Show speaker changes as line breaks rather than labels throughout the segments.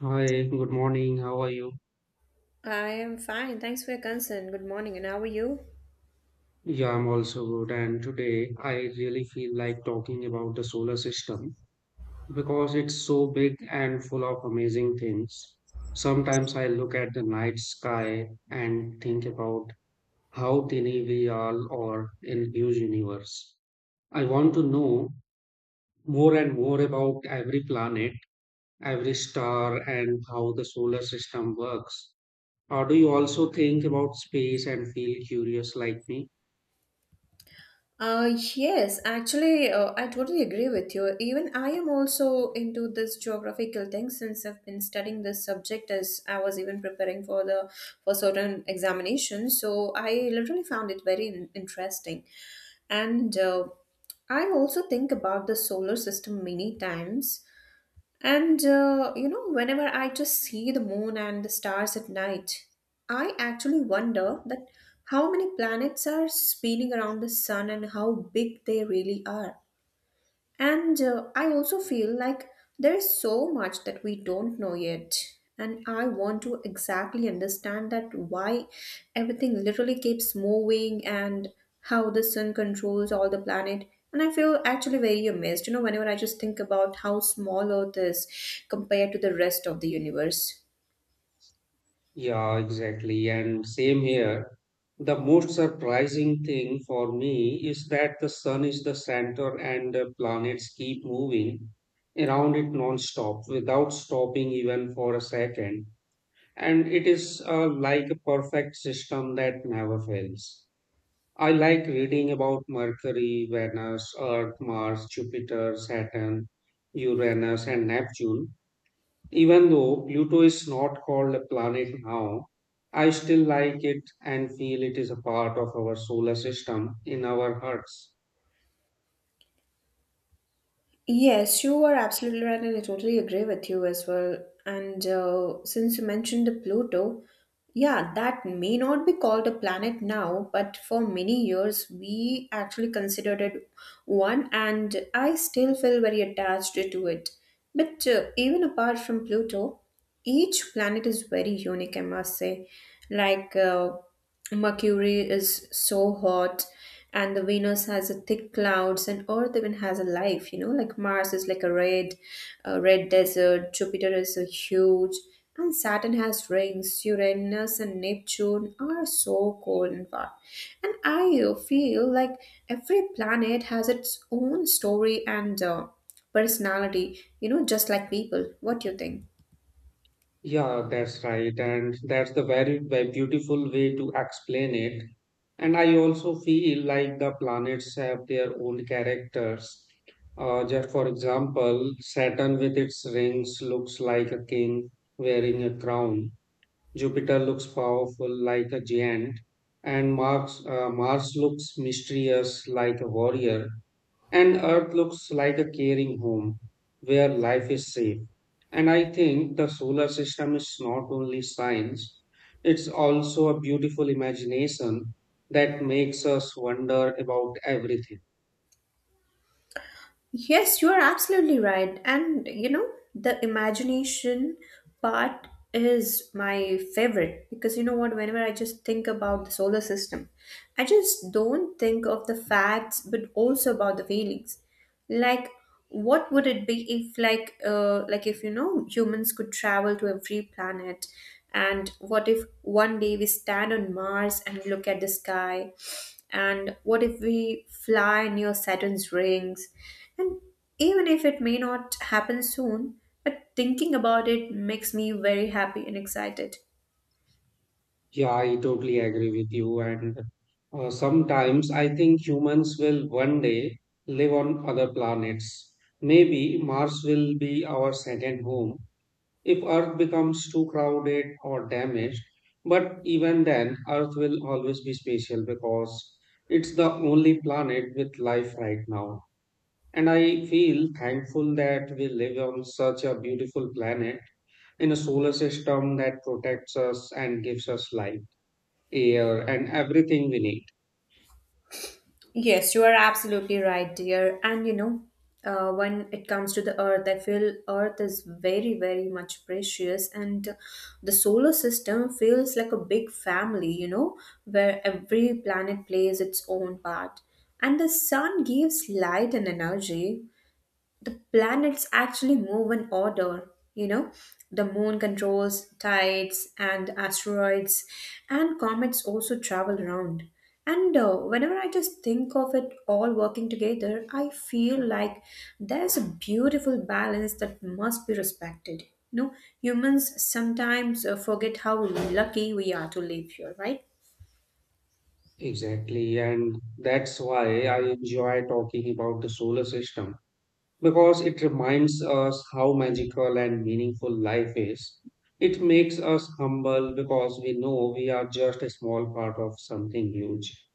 Hi, good morning. How are you?
I am fine. Thanks for your concern. Good morning, and how are you?
Yeah, I'm also good. And today I really feel like talking about the solar system because it's so big and full of amazing things. Sometimes I look at the night sky and think about how tiny we all are in huge universe. I want to know more and more about every planet, every star, and how the solar system works. Or do you also think about space and feel curious like me?
Yes, actually, I totally agree with you. Even I am also into this geographical thing since I've been studying this subject as I was even preparing for certain examinations. So I literally found it very interesting, and I also think about the solar system many times. And whenever I just see the moon and the stars at night, I actually wonder that how many planets are spinning around the sun and how big they really are. And I also feel like there is so much that we don't know yet. And I want to exactly understand that why everything literally keeps moving and how the sun controls all the planet. And I feel actually very amazed, whenever I just think about how small Earth is compared to the rest of the universe.
Yeah, exactly. And same here. The most surprising thing for me is that the sun is the center and the planets keep moving around it non-stop without stopping even for a second. And it is like a perfect system that never fails. I like reading about Mercury, Venus, Earth, Mars, Jupiter, Saturn, Uranus, and Neptune, even though Pluto is not called a planet now, I still like it and feel it is a part of our solar system in our hearts.
Yes, you are absolutely right, and I totally agree with you as well. And since you mentioned the Pluto, yeah, that may not be called a planet now, but for many years we actually considered it one, and I still feel very attached to it. But even apart from Pluto, each planet is very unique, I must say. Like Mercury is so hot, and the Venus has a thick clouds, and Earth even has a life. You know, like Mars is like a red desert. Jupiter is a huge, and Saturn has rings. Uranus and Neptune are so cold and far. And I feel like every planet has its own story and personality. You know, just like people. What do you think?
Yeah, that's right. And that's the very, very beautiful way to explain it. And I also feel like the planets have their own characters. Just for example, Saturn with its rings looks like a king wearing a crown. Jupiter looks powerful like a giant, and Mars looks mysterious like a warrior, and Earth looks like a caring home where life is safe. And I think the solar system is not only science, it's also a beautiful imagination that makes us wonder about everything.
Yes, you are absolutely right. And you know, the imagination part is my favorite because you know what, whenever I just think about the solar system, I just don't think of the facts but also about the feelings like what would it be if if humans could travel to every planet, and what if one day we stand on Mars and look at the sky, and what if we fly near Saturn's rings? And even if it may not happen soon, but thinking about it makes me very happy and excited.
Yeah, I totally agree with you. And sometimes I think humans will one day live on other planets. Maybe Mars will be our second home if Earth becomes too crowded or damaged. But even then, Earth will always be special because it's the only planet with life right now. And I feel thankful that we live on such a beautiful planet in a solar system that protects us and gives us life air and everything we need.
Yes, you are absolutely right, dear. And you know, when it comes to the Earth, I feel Earth is very, very much precious, and the solar system feels like a big family, you know, where every planet plays its own part. And the sun gives light and energy, the planets actually move in order. You know, the moon controls tides and asteroids, and comets also travel around. And whenever I just think of it all working together, I feel like there's a beautiful balance that must be respected. You know, humans sometimes forget how lucky we are to live here, right?
Exactly. And that's why I enjoy talking about the solar system because it reminds us how magical and meaningful life is. It makes us humble because we know we are just a small part of something huge.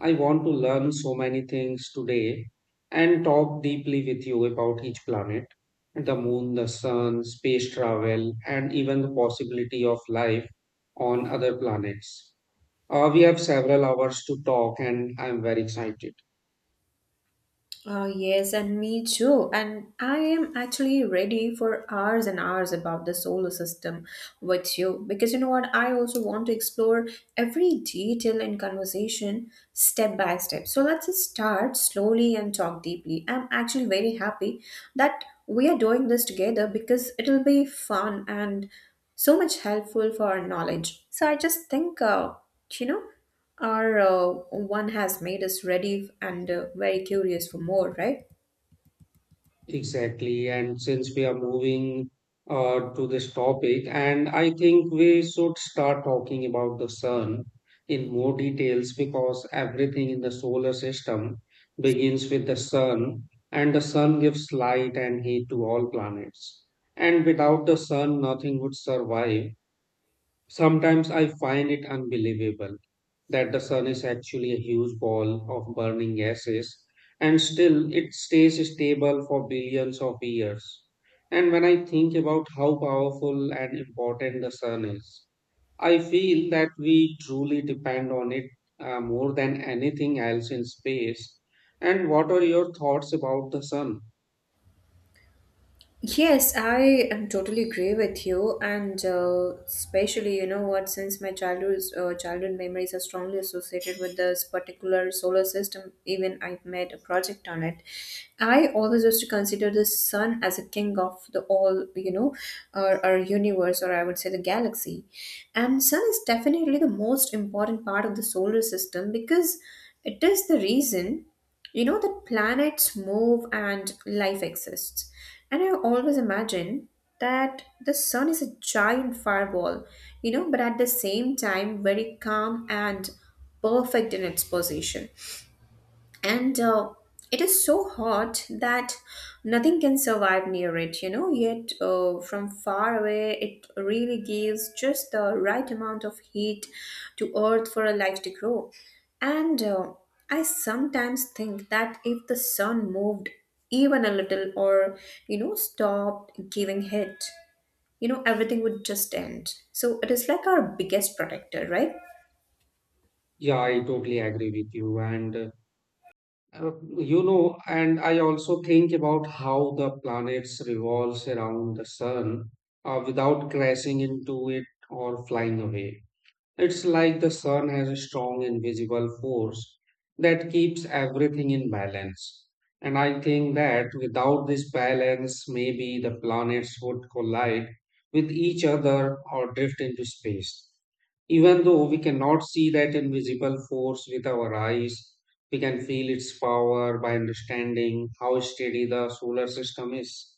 I want to learn so many things today and talk deeply with you about each planet, the moon, the sun, space travel, and even the possibility of life on other planets. We have several hours to talk, and I'm very excited.
Yes, and me too. And I am actually ready for hours and hours about the solar system with you because you know what? I also want to explore every detail in conversation step by step. So let's just start slowly and talk deeply. I'm actually very happy that we are doing this together because it'll be fun and so much helpful for our knowledge. So I just think, you know. Our one has made us ready and very curious for more, right?
Exactly. And since we are moving to this topic, and I think we should start talking about the sun in more details because everything in the solar system begins with the sun, and the sun gives light and heat to all planets. And without the sun, nothing would survive. Sometimes I find it unbelievable that the sun is actually a huge ball of burning gases and still it stays stable for billions of years. And when I think about how powerful and important the sun is, I feel that we truly depend on it more than anything else in space. And what are your thoughts about the sun?
Yes, I am totally agree with you, and especially you know what, since my childhood memories are strongly associated with this particular solar system, even I've made a project on it. I always used to consider the sun as a king of the all, you know, or our universe, or I would say the galaxy, and sun is definitely the most important part of the solar system because it is the reason. You know that planets move and life exists. And I always imagine that the sun is a giant firewall, you know, but at the same time very calm and perfect in its position, and it is so hot that nothing can survive near it, you know. Yet from far away it really gives just the right amount of heat to Earth for a life to grow, and I sometimes think that if the sun moved even a little, or stopped giving heat, everything would just end. So it is like our biggest protector, right?
Yeah, I totally agree with you. And Uh, you know, and I also think about how the planets revolves around the sun without crashing into it or flying away. It's like the sun has a strong invisible force that keeps everything in balance. And I think that without this balance, maybe the planets would collide with each other or drift into space. Even though we cannot see that invisible force with our eyes, we can feel its power by understanding how steady the solar system is.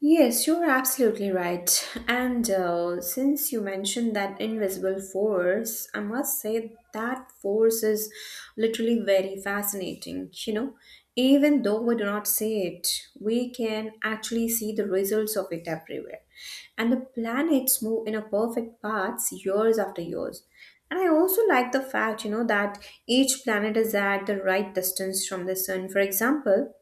Yes, you're absolutely right. And since you mentioned that invisible force, I must say that force is literally very fascinating. You know, even though we do not see it, we can actually see the results of it everywhere. And the planets move in a perfect paths years after years. And I also like the fact, you know, that each planet is at the right distance from the sun. For example,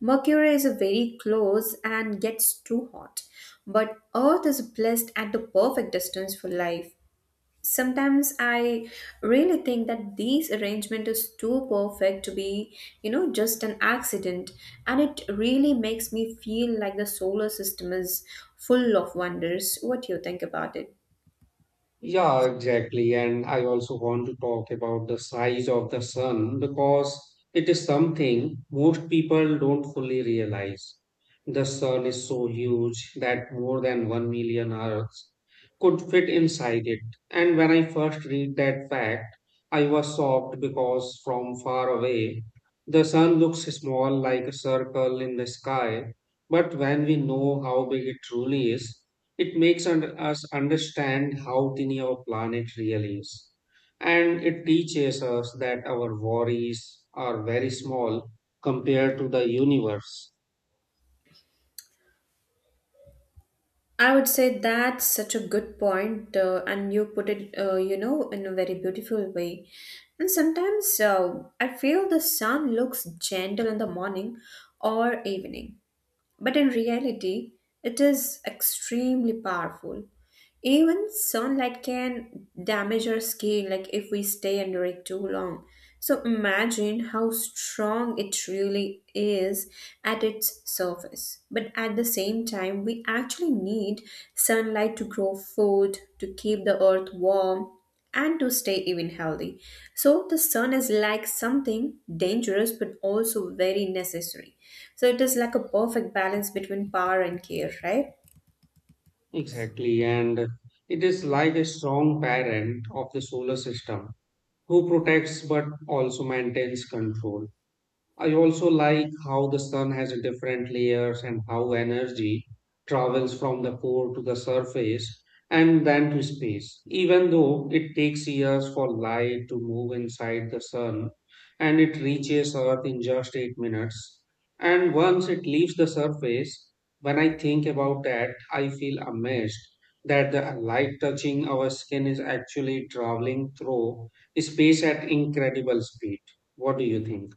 Mercury is a very close and gets too hot, but Earth is placed at the perfect distance for life. Sometimes I really think that this arrangement is too perfect to be, you know, just an accident, and it really makes me feel like the solar system is full of wonders. What do you think about it?
Yeah, exactly. And I also want to talk about the size of the sun because it is something most people don't fully realize. The sun is so huge that more than 1 million Earths could fit inside it. And when I first read that fact, I was shocked because from far away, the sun looks small like a circle in the sky. But when we know how big it truly is, it makes under us understand how tiny our planet really is. And it teaches us that our worries are very small compared to the universe.
I would say that's such a good point, and you put it, in a very beautiful way. And sometimes I feel the sun looks gentle in the morning or evening, but in reality, it is extremely powerful. Even sunlight can damage our skin, like if we stay under it too long. So imagine how strong it really is at its surface. But at the same time, we actually need sunlight to grow food, to keep the earth warm, and to stay even healthy. So the sun is like something dangerous but also very necessary. So it is like a perfect balance between power and care, right?
Exactly. And it is like a strong parent of the solar system who protects but also maintains control. I also like how the sun has a different layers and how energy travels from the core to the surface and then to space. Even though it takes years for light to move inside the sun and it reaches Earth in just 8 minutes. And once it leaves the surface, when I think about that, I feel amazed that the light touching our skin is actually traveling through space at incredible speed. What do you think?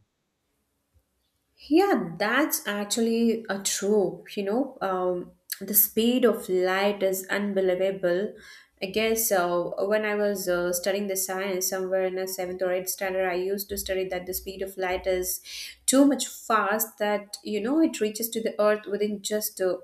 Yeah, that's actually a trope. You know, the speed of light is unbelievable. I guess when I was studying the science somewhere in a seventh or eighth standard, I used to study that the speed of light is too much fast that it reaches to the earth within just uh,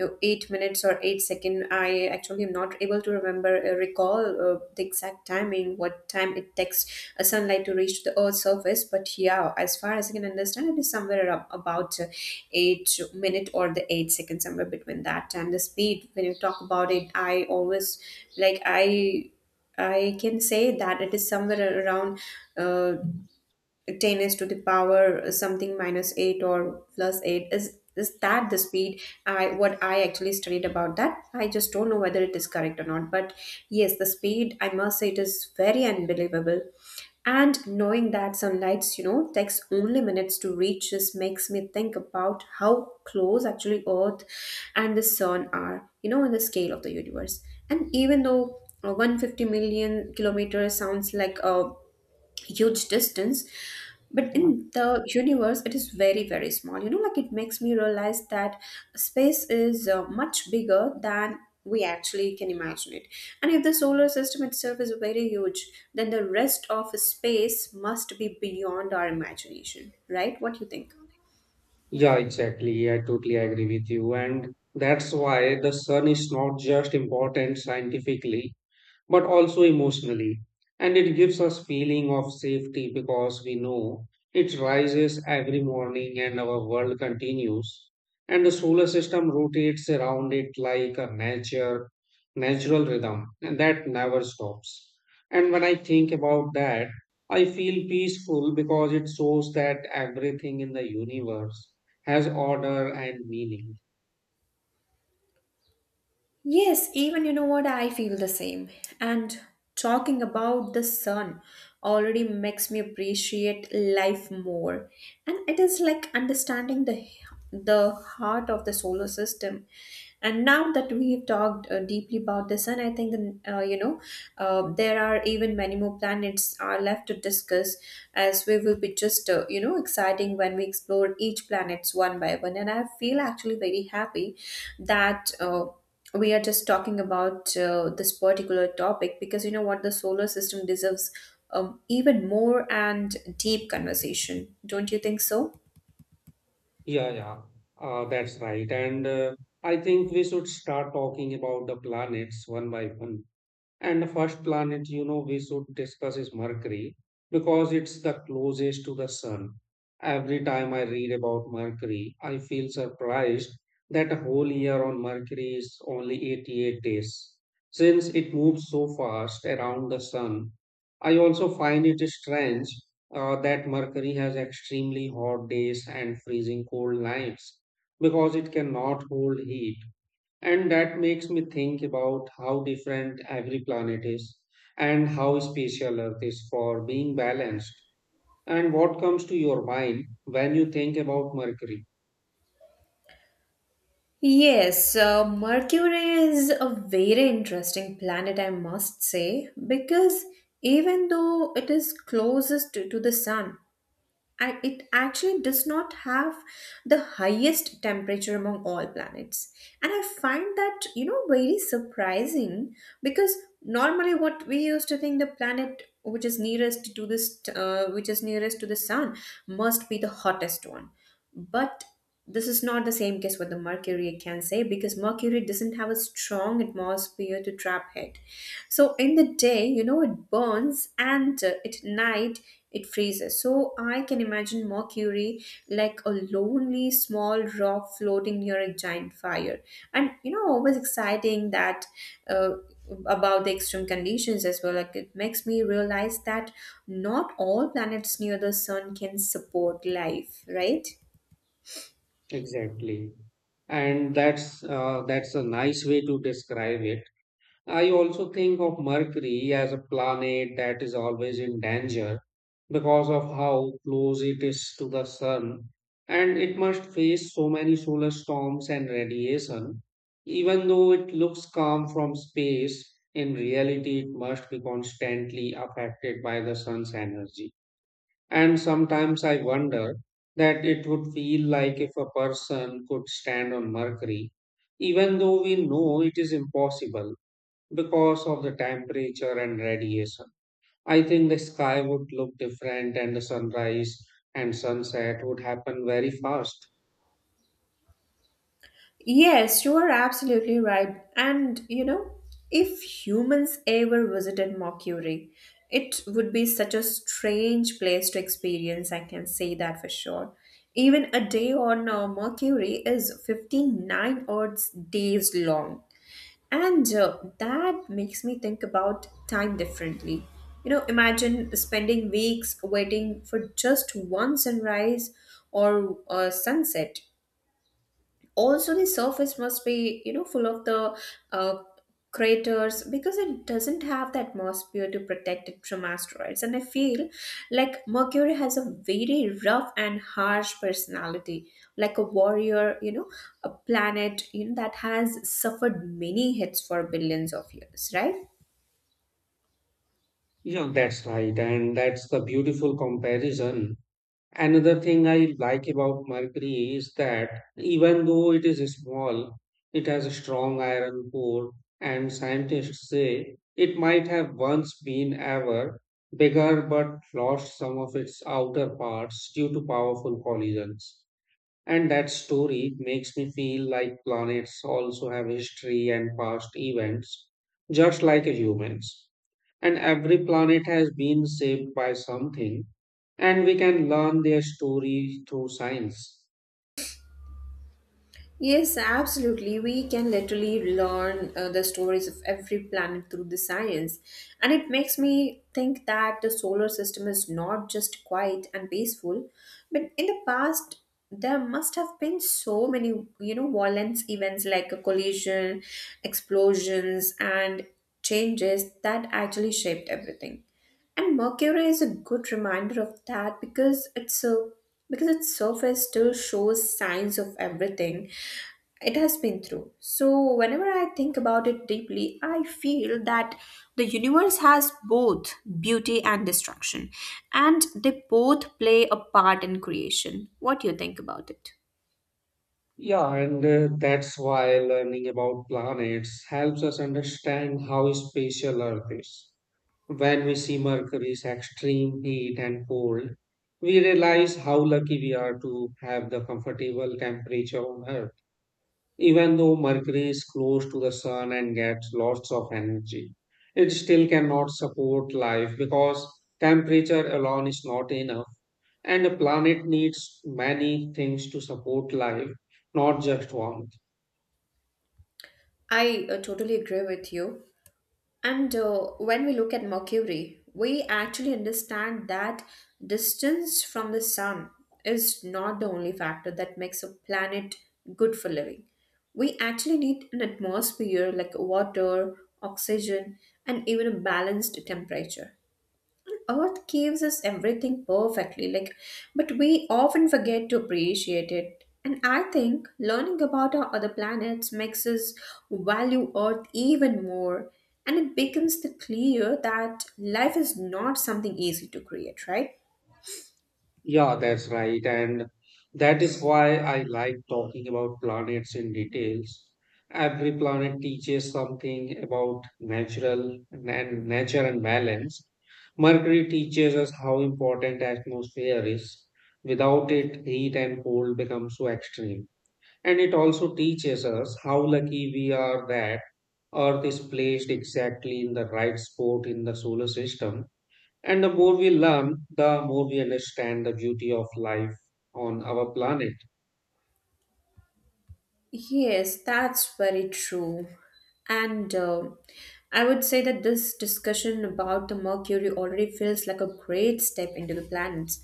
uh, 8 minutes or 8 second. I actually am not able to remember, recall the exact timing, what time it takes a sunlight to reach to the Earth's surface. But yeah, as far as I can understand, it is somewhere about 8 minute or the 8 second, somewhere between that. And the speed, when you talk about it, I always like I I can say that it is somewhere around uh, 10 is to the power something minus 8 or plus 8 is that the speed I. What I actually studied about that, I just don't know whether it is correct or not, but yes, the speed, I must say, it is very unbelievable. And knowing that sunlights takes only minutes to reach just makes me think about how close actually Earth and the sun are, in the scale of the universe. And even though 150 million kilometers sounds like a huge distance, but in the universe it is very, very small, you know. Like it makes me realize that space is much bigger than we actually can imagine it. And if the solar system itself is very huge, then the rest of space must be beyond our imagination, right? What do you think?
Yeah, exactly. Yeah, I totally agree with you. And that's why the sun is not just important scientifically, but also emotionally. And it gives us feeling of safety because we know it rises every morning and our world continues. And the solar system rotates around it like a nature, natural rhythm, and that never stops. And when I think about that, I feel peaceful because it shows that everything in the universe has order and meaning.
Yes, even you know what, I feel the same. And talking about the sun already makes me appreciate life more. And it is like understanding the heart of the solar system. And now that we have talked deeply about the sun, I think there are even many more planets are left to discuss, as we will be just exciting when we explore each planets one by one. And I feel actually very happy that. We are just talking about this particular topic because you know what, the solar system deserves even more and deep conversation, don't you think so?
Yeah, yeah, that's right. And I think we should start talking about the planets one by one. And the first planet, you know, we should discuss is Mercury because it's the closest to the sun. Every time I read about Mercury, I feel surprised that a whole year on Mercury is only 88 days. Since it moves so fast around the sun, I also find it strange that Mercury has extremely hot days and freezing cold nights because it cannot hold heat and that makes me think about how different every planet is and how special Earth is for being balanced. And what comes to your mind when you think about Mercury?
Yes, Mercury is a very interesting planet, I must say, because even though it is closest to the sun, it actually does not have the highest temperature among all planets, and I find that, you know, very surprising because normally what we used to think, the planet which is nearest to this which is nearest to the sun must be the hottest one, but this is not the same case with the Mercury, I can say, because Mercury doesn't have a strong atmosphere to trap heat. So in the day, you know, it burns, and at night it freezes. So I can imagine Mercury like a lonely small rock floating near a giant fire. And always exciting that uh, about the extreme conditions as well. Like it makes me realize that not all planets near the sun can support life, right?
Exactly. And that's a nice way to describe it. I also think of Mercury as a planet that is always in danger because of how close it is to the sun, and it must face so many solar storms and radiation. Even though it looks calm from space, in reality, it must be constantly affected by the sun's energy. And sometimes I wonder that it would feel like if a person could stand on Mercury, even though we know it is impossible because of the temperature and radiation. I think the sky would look different and the sunrise and sunset would happen very fast.
Yes, you are absolutely right. And you know, if humans ever visited Mercury, it would be such a strange place to experience, I can say that for sure. Even a day on Mercury is 59 Earth's days long. And that makes me think about time differently. You know, imagine spending weeks waiting for just one sunrise or a sunset, also the surface must be, you know, full of the uh, craters because it doesn't have the atmosphere to protect it from asteroids. And I feel like Mercury has a very rough and harsh personality, like a warrior, you know, a planet, you know, that has suffered many hits for billions of years, right?
Yeah, that's right. And that's the beautiful comparison. Another thing I like about Mercury is that even though it is small, it has a strong iron core, and scientists say it might have once been ever bigger but lost some of its outer parts due to powerful collisions. And that story makes me feel like planets also have history and past events, just like humans. And every planet has been shaped by something, and we can learn their story through science.
Yes, absolutely. We can literally learn the stories of every planet through the science. And it makes me think that the solar system is not just quiet and peaceful, but in the past, there must have been so many, you know, violent events like a collision, explosions, and changes that actually shaped everything. And Mercury is a good reminder of that because it's a because its surface still shows signs of everything it has been through. So whenever I think about it deeply, I feel that the universe has both beauty and destruction, and they both play a part in creation. What do you think about it?
Yeah, and that's why learning about planets helps us understand how special Earth is. When we see Mercury's extreme heat and cold, we realize how lucky we are to have the comfortable temperature on Earth. Even though Mercury is close to the sun and gets lots of energy, it still cannot support life because temperature alone is not enough, and a planet needs many things to support life, not just one.
I totally agree with you. And when we look at Mercury, we actually understand that distance from the sun is not the only factor that makes a planet good for living. We actually need an atmosphere like water, oxygen, and even a balanced temperature. Earth gives us everything perfectly, like, but we often forget to appreciate it. And I think learning about our other planets makes us value Earth even more. And it becomes the clear that life is not something easy to create, right?
Yeah, that's right. And that is why I like talking about planets in details. Every planet teaches something about natural and nature and balance. Mercury teaches us how important atmosphere is. Without it, heat and cold become so extreme. And it also teaches us how lucky we are that Earth is placed exactly in the right spot in the solar system and the more we learn, the more we understand the beauty of life on our planet.
Yes, that's very true. And I would say that this discussion about the Mercury already feels like a great step into the planets.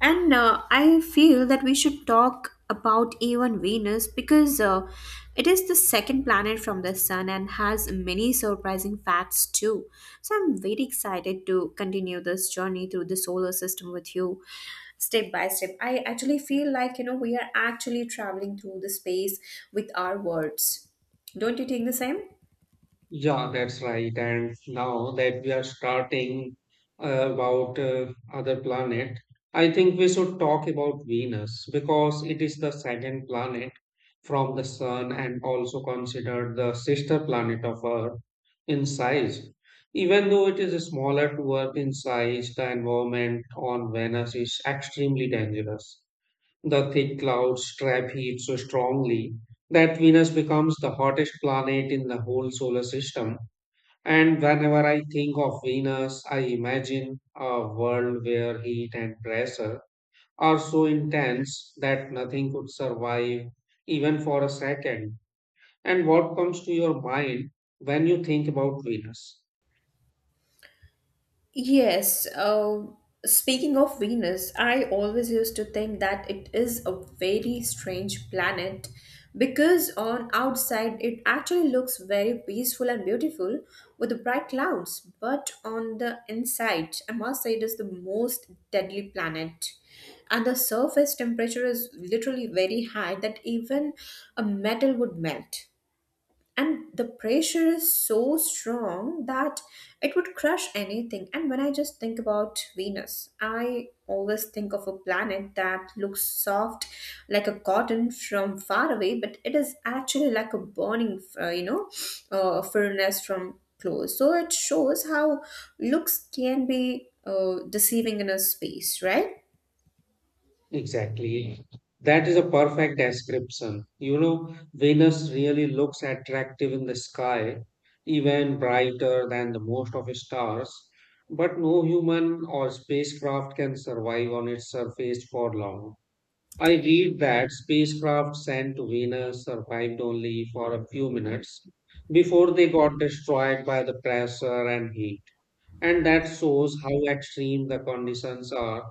And I feel that we should talk about even Venus because it is the second planet from the Sun and has many surprising facts too. So I'm very excited to continue this journey through the solar system with you step by step. I actually feel like, you know, we are actually traveling through the space with our words. Don't you think the same?
Yeah, that's right. And now that we are starting about other planet, I think we should talk about Venus because it is the second planet from the sun and also considered the sister planet of Earth in size. Even though it is smaller to Earth in size, the environment on Venus is extremely dangerous. The thick clouds trap heat so strongly that Venus becomes the hottest planet in the whole solar system. And whenever I think of Venus, I imagine a world where heat and pressure are so intense that nothing could survive even for a second. And what comes to your mind when you think about Venus?
Yes, speaking of Venus, I always used to think that it is a very strange planet because on outside it actually looks very peaceful and beautiful with the bright clouds, but on the inside, I must say it is the most deadly planet. And the surface temperature is literally very high that even a metal would melt, and the pressure is so strong that it would crush anything. And when I just think about Venus, I always think of a planet that looks soft like a cotton from far away, but it is actually like a burning furnace from close. So it shows how looks can be deceiving in a space, right?
Exactly. That is a perfect description. You know, Venus really looks attractive in the sky, even brighter than the most of its stars, but no human or spacecraft can survive on its surface for long. I read that spacecraft sent to Venus survived only for a few minutes before they got destroyed by the pressure and heat. And that shows how extreme the conditions are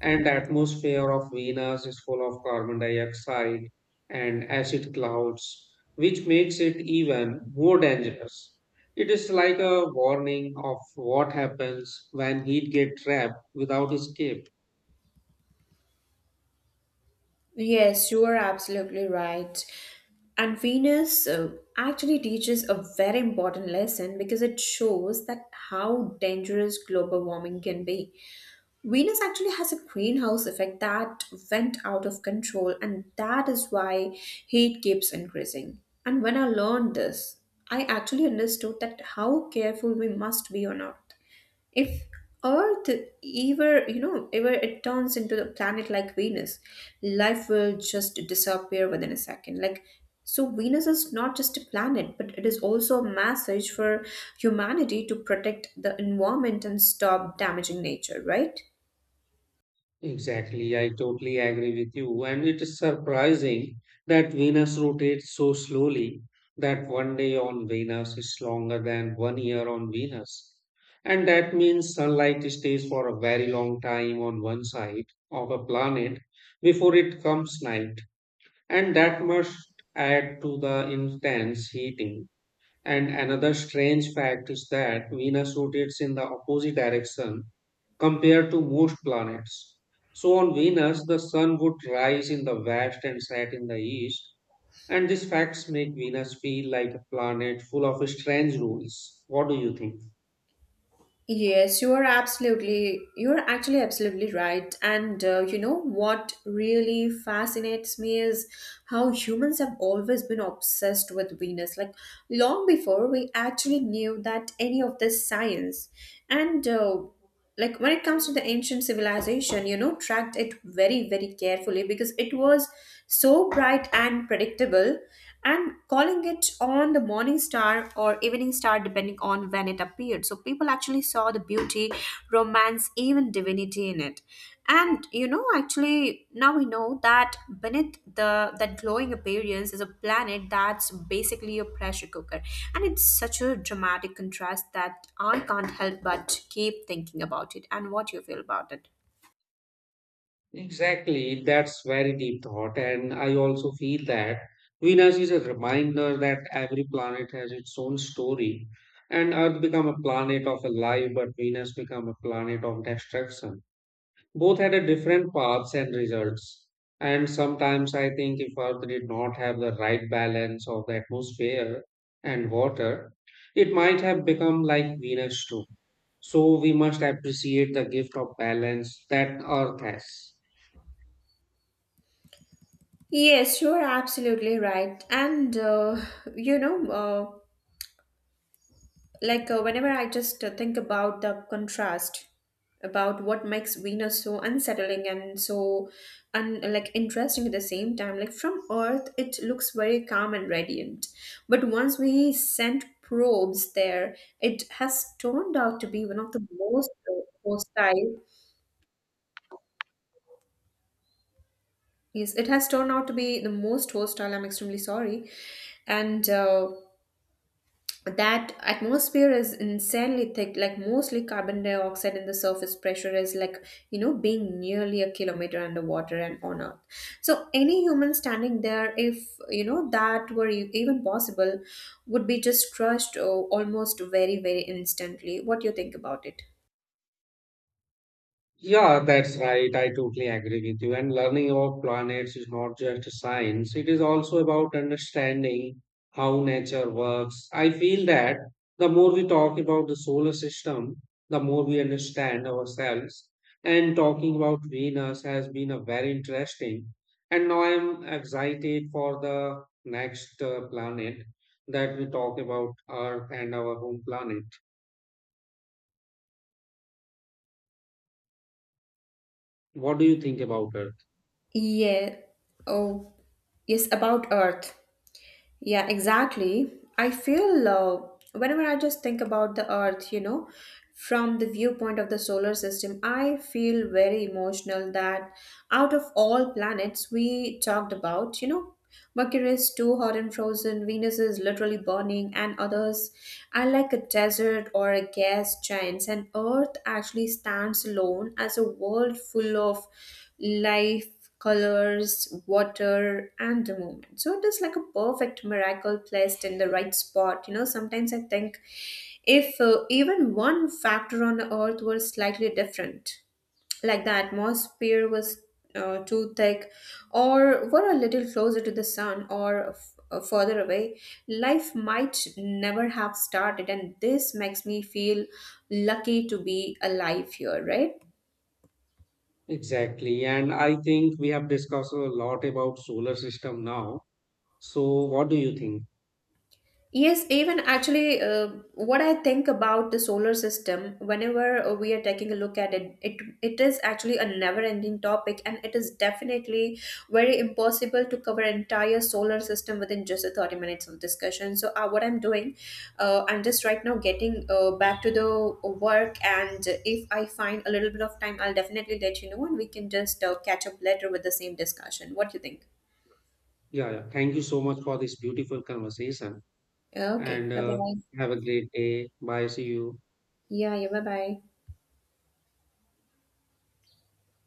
and the atmosphere of Venus is full of carbon dioxide and acid clouds, which makes it even more dangerous. It is like a warning of what happens when heat gets trapped without escape.
Yes, you are absolutely right. And Venus actually teaches a very important lesson because it shows that how dangerous global warming can be. Venus actually has a greenhouse effect that went out of control, and that is why heat keeps increasing. And when I learned this, I actually understood that how careful we must be on Earth if earth ever you know ever it turns into a planet like Venus, life will just disappear within a second, like. So Venus is not just a planet, but it is also a message for humanity to protect the environment and stop damaging nature, right?
Exactly, I totally agree with you. And it is surprising that Venus rotates so slowly that one day on Venus is longer than one year on Venus. And that means sunlight stays for a very long time on one side of a planet before it comes night. And that must add to the intense heating and another strange fact is that Venus rotates in the opposite direction compared to most planets. So, on Venus, the sun would rise in the west and set in the east, and these facts make Venus feel like a planet full of strange rules. What do you think?
Yes, you are absolutely, you're actually absolutely right. And you know what really fascinates me is how humans have always been obsessed with Venus, like long before we actually knew that any of this science. And like when it comes to the ancient civilization, you know, tracked it very carefully because it was so bright and predictable, and calling it on the morning star or evening star depending on when it appeared. So people actually saw the beauty, romance, even divinity in it. And you know, actually, now we know that beneath the that glowing appearance is a planet that's basically a pressure cooker, and it's such a dramatic contrast that I can't help but keep thinking about it. And what you feel about it?
Exactly, that's very deep thought, and I also feel that Venus is a reminder that every planet has its own story, and Earth become a planet of life, but Venus become a planet of destruction. Both had a different paths and results. And sometimes I think if Earth did not have the right balance of the atmosphere and water, it might have become like Venus too. So we must appreciate the gift of balance that Earth has.
Yes, you're absolutely right. And you know, uh, whenever I just think about the contrast about what makes Venus so unsettling and so like interesting at the same time, like from Earth it looks very calm and radiant, but once we sent probes there, it has turned out to be one of the most hostile yes it has turned out to be the most hostile. I'm extremely sorry. And that atmosphere is insanely thick, like mostly carbon dioxide, and the surface pressure is like, you know, being nearly a kilometer underwater and on Earth. So any human standing there, if you know, that were even possible, would be just crushed. Oh, almost very instantly. What do you think about it?
Yeah, that's right. I totally agree with you. And learning about planets is not just science, it is also about understanding how nature works. I feel that the more we talk about the solar system, the more we understand ourselves. And talking about Venus has been a very interesting. And now I'm excited for the next planet that we talk about Earth and our home planet. What do you think about it?
Yeah. Oh, yes, about Earth. Yeah, exactly. I feel whenever I just think about the Earth, you know, from the viewpoint of the solar system, I feel very emotional that out of all planets we talked about, you know, Mercury is too hot and frozen, Venus is literally burning, and others are like a desert or a gas giant, and Earth actually stands alone as a world full of life, colors, water, and the moment. So it is like a perfect miracle placed in the right spot. You know, sometimes I think if even one factor on the earth was slightly different, like the atmosphere was too thick, or were a little closer to the sun, or further away, life might never have started. And this makes me feel lucky to be alive here, right?
Exactly. And I think we have discussed a lot about solar system now. So what do you think?
Yes, even actually, what I think about the solar system, whenever we are taking a look at it, it is actually a never-ending topic, and it is definitely very impossible to cover entire solar system within just a 30 minutes of discussion. So, what I'm doing, I'm just right now getting back to the work, and if I find a little bit of time, I'll definitely let you know, and we can just catch up later with the same discussion. What do you think?
Yeah, yeah. Thank you so much for this beautiful conversation
Okay,
and
bye bye.
have a great day. Bye. See you.
Yeah, yeah, bye bye.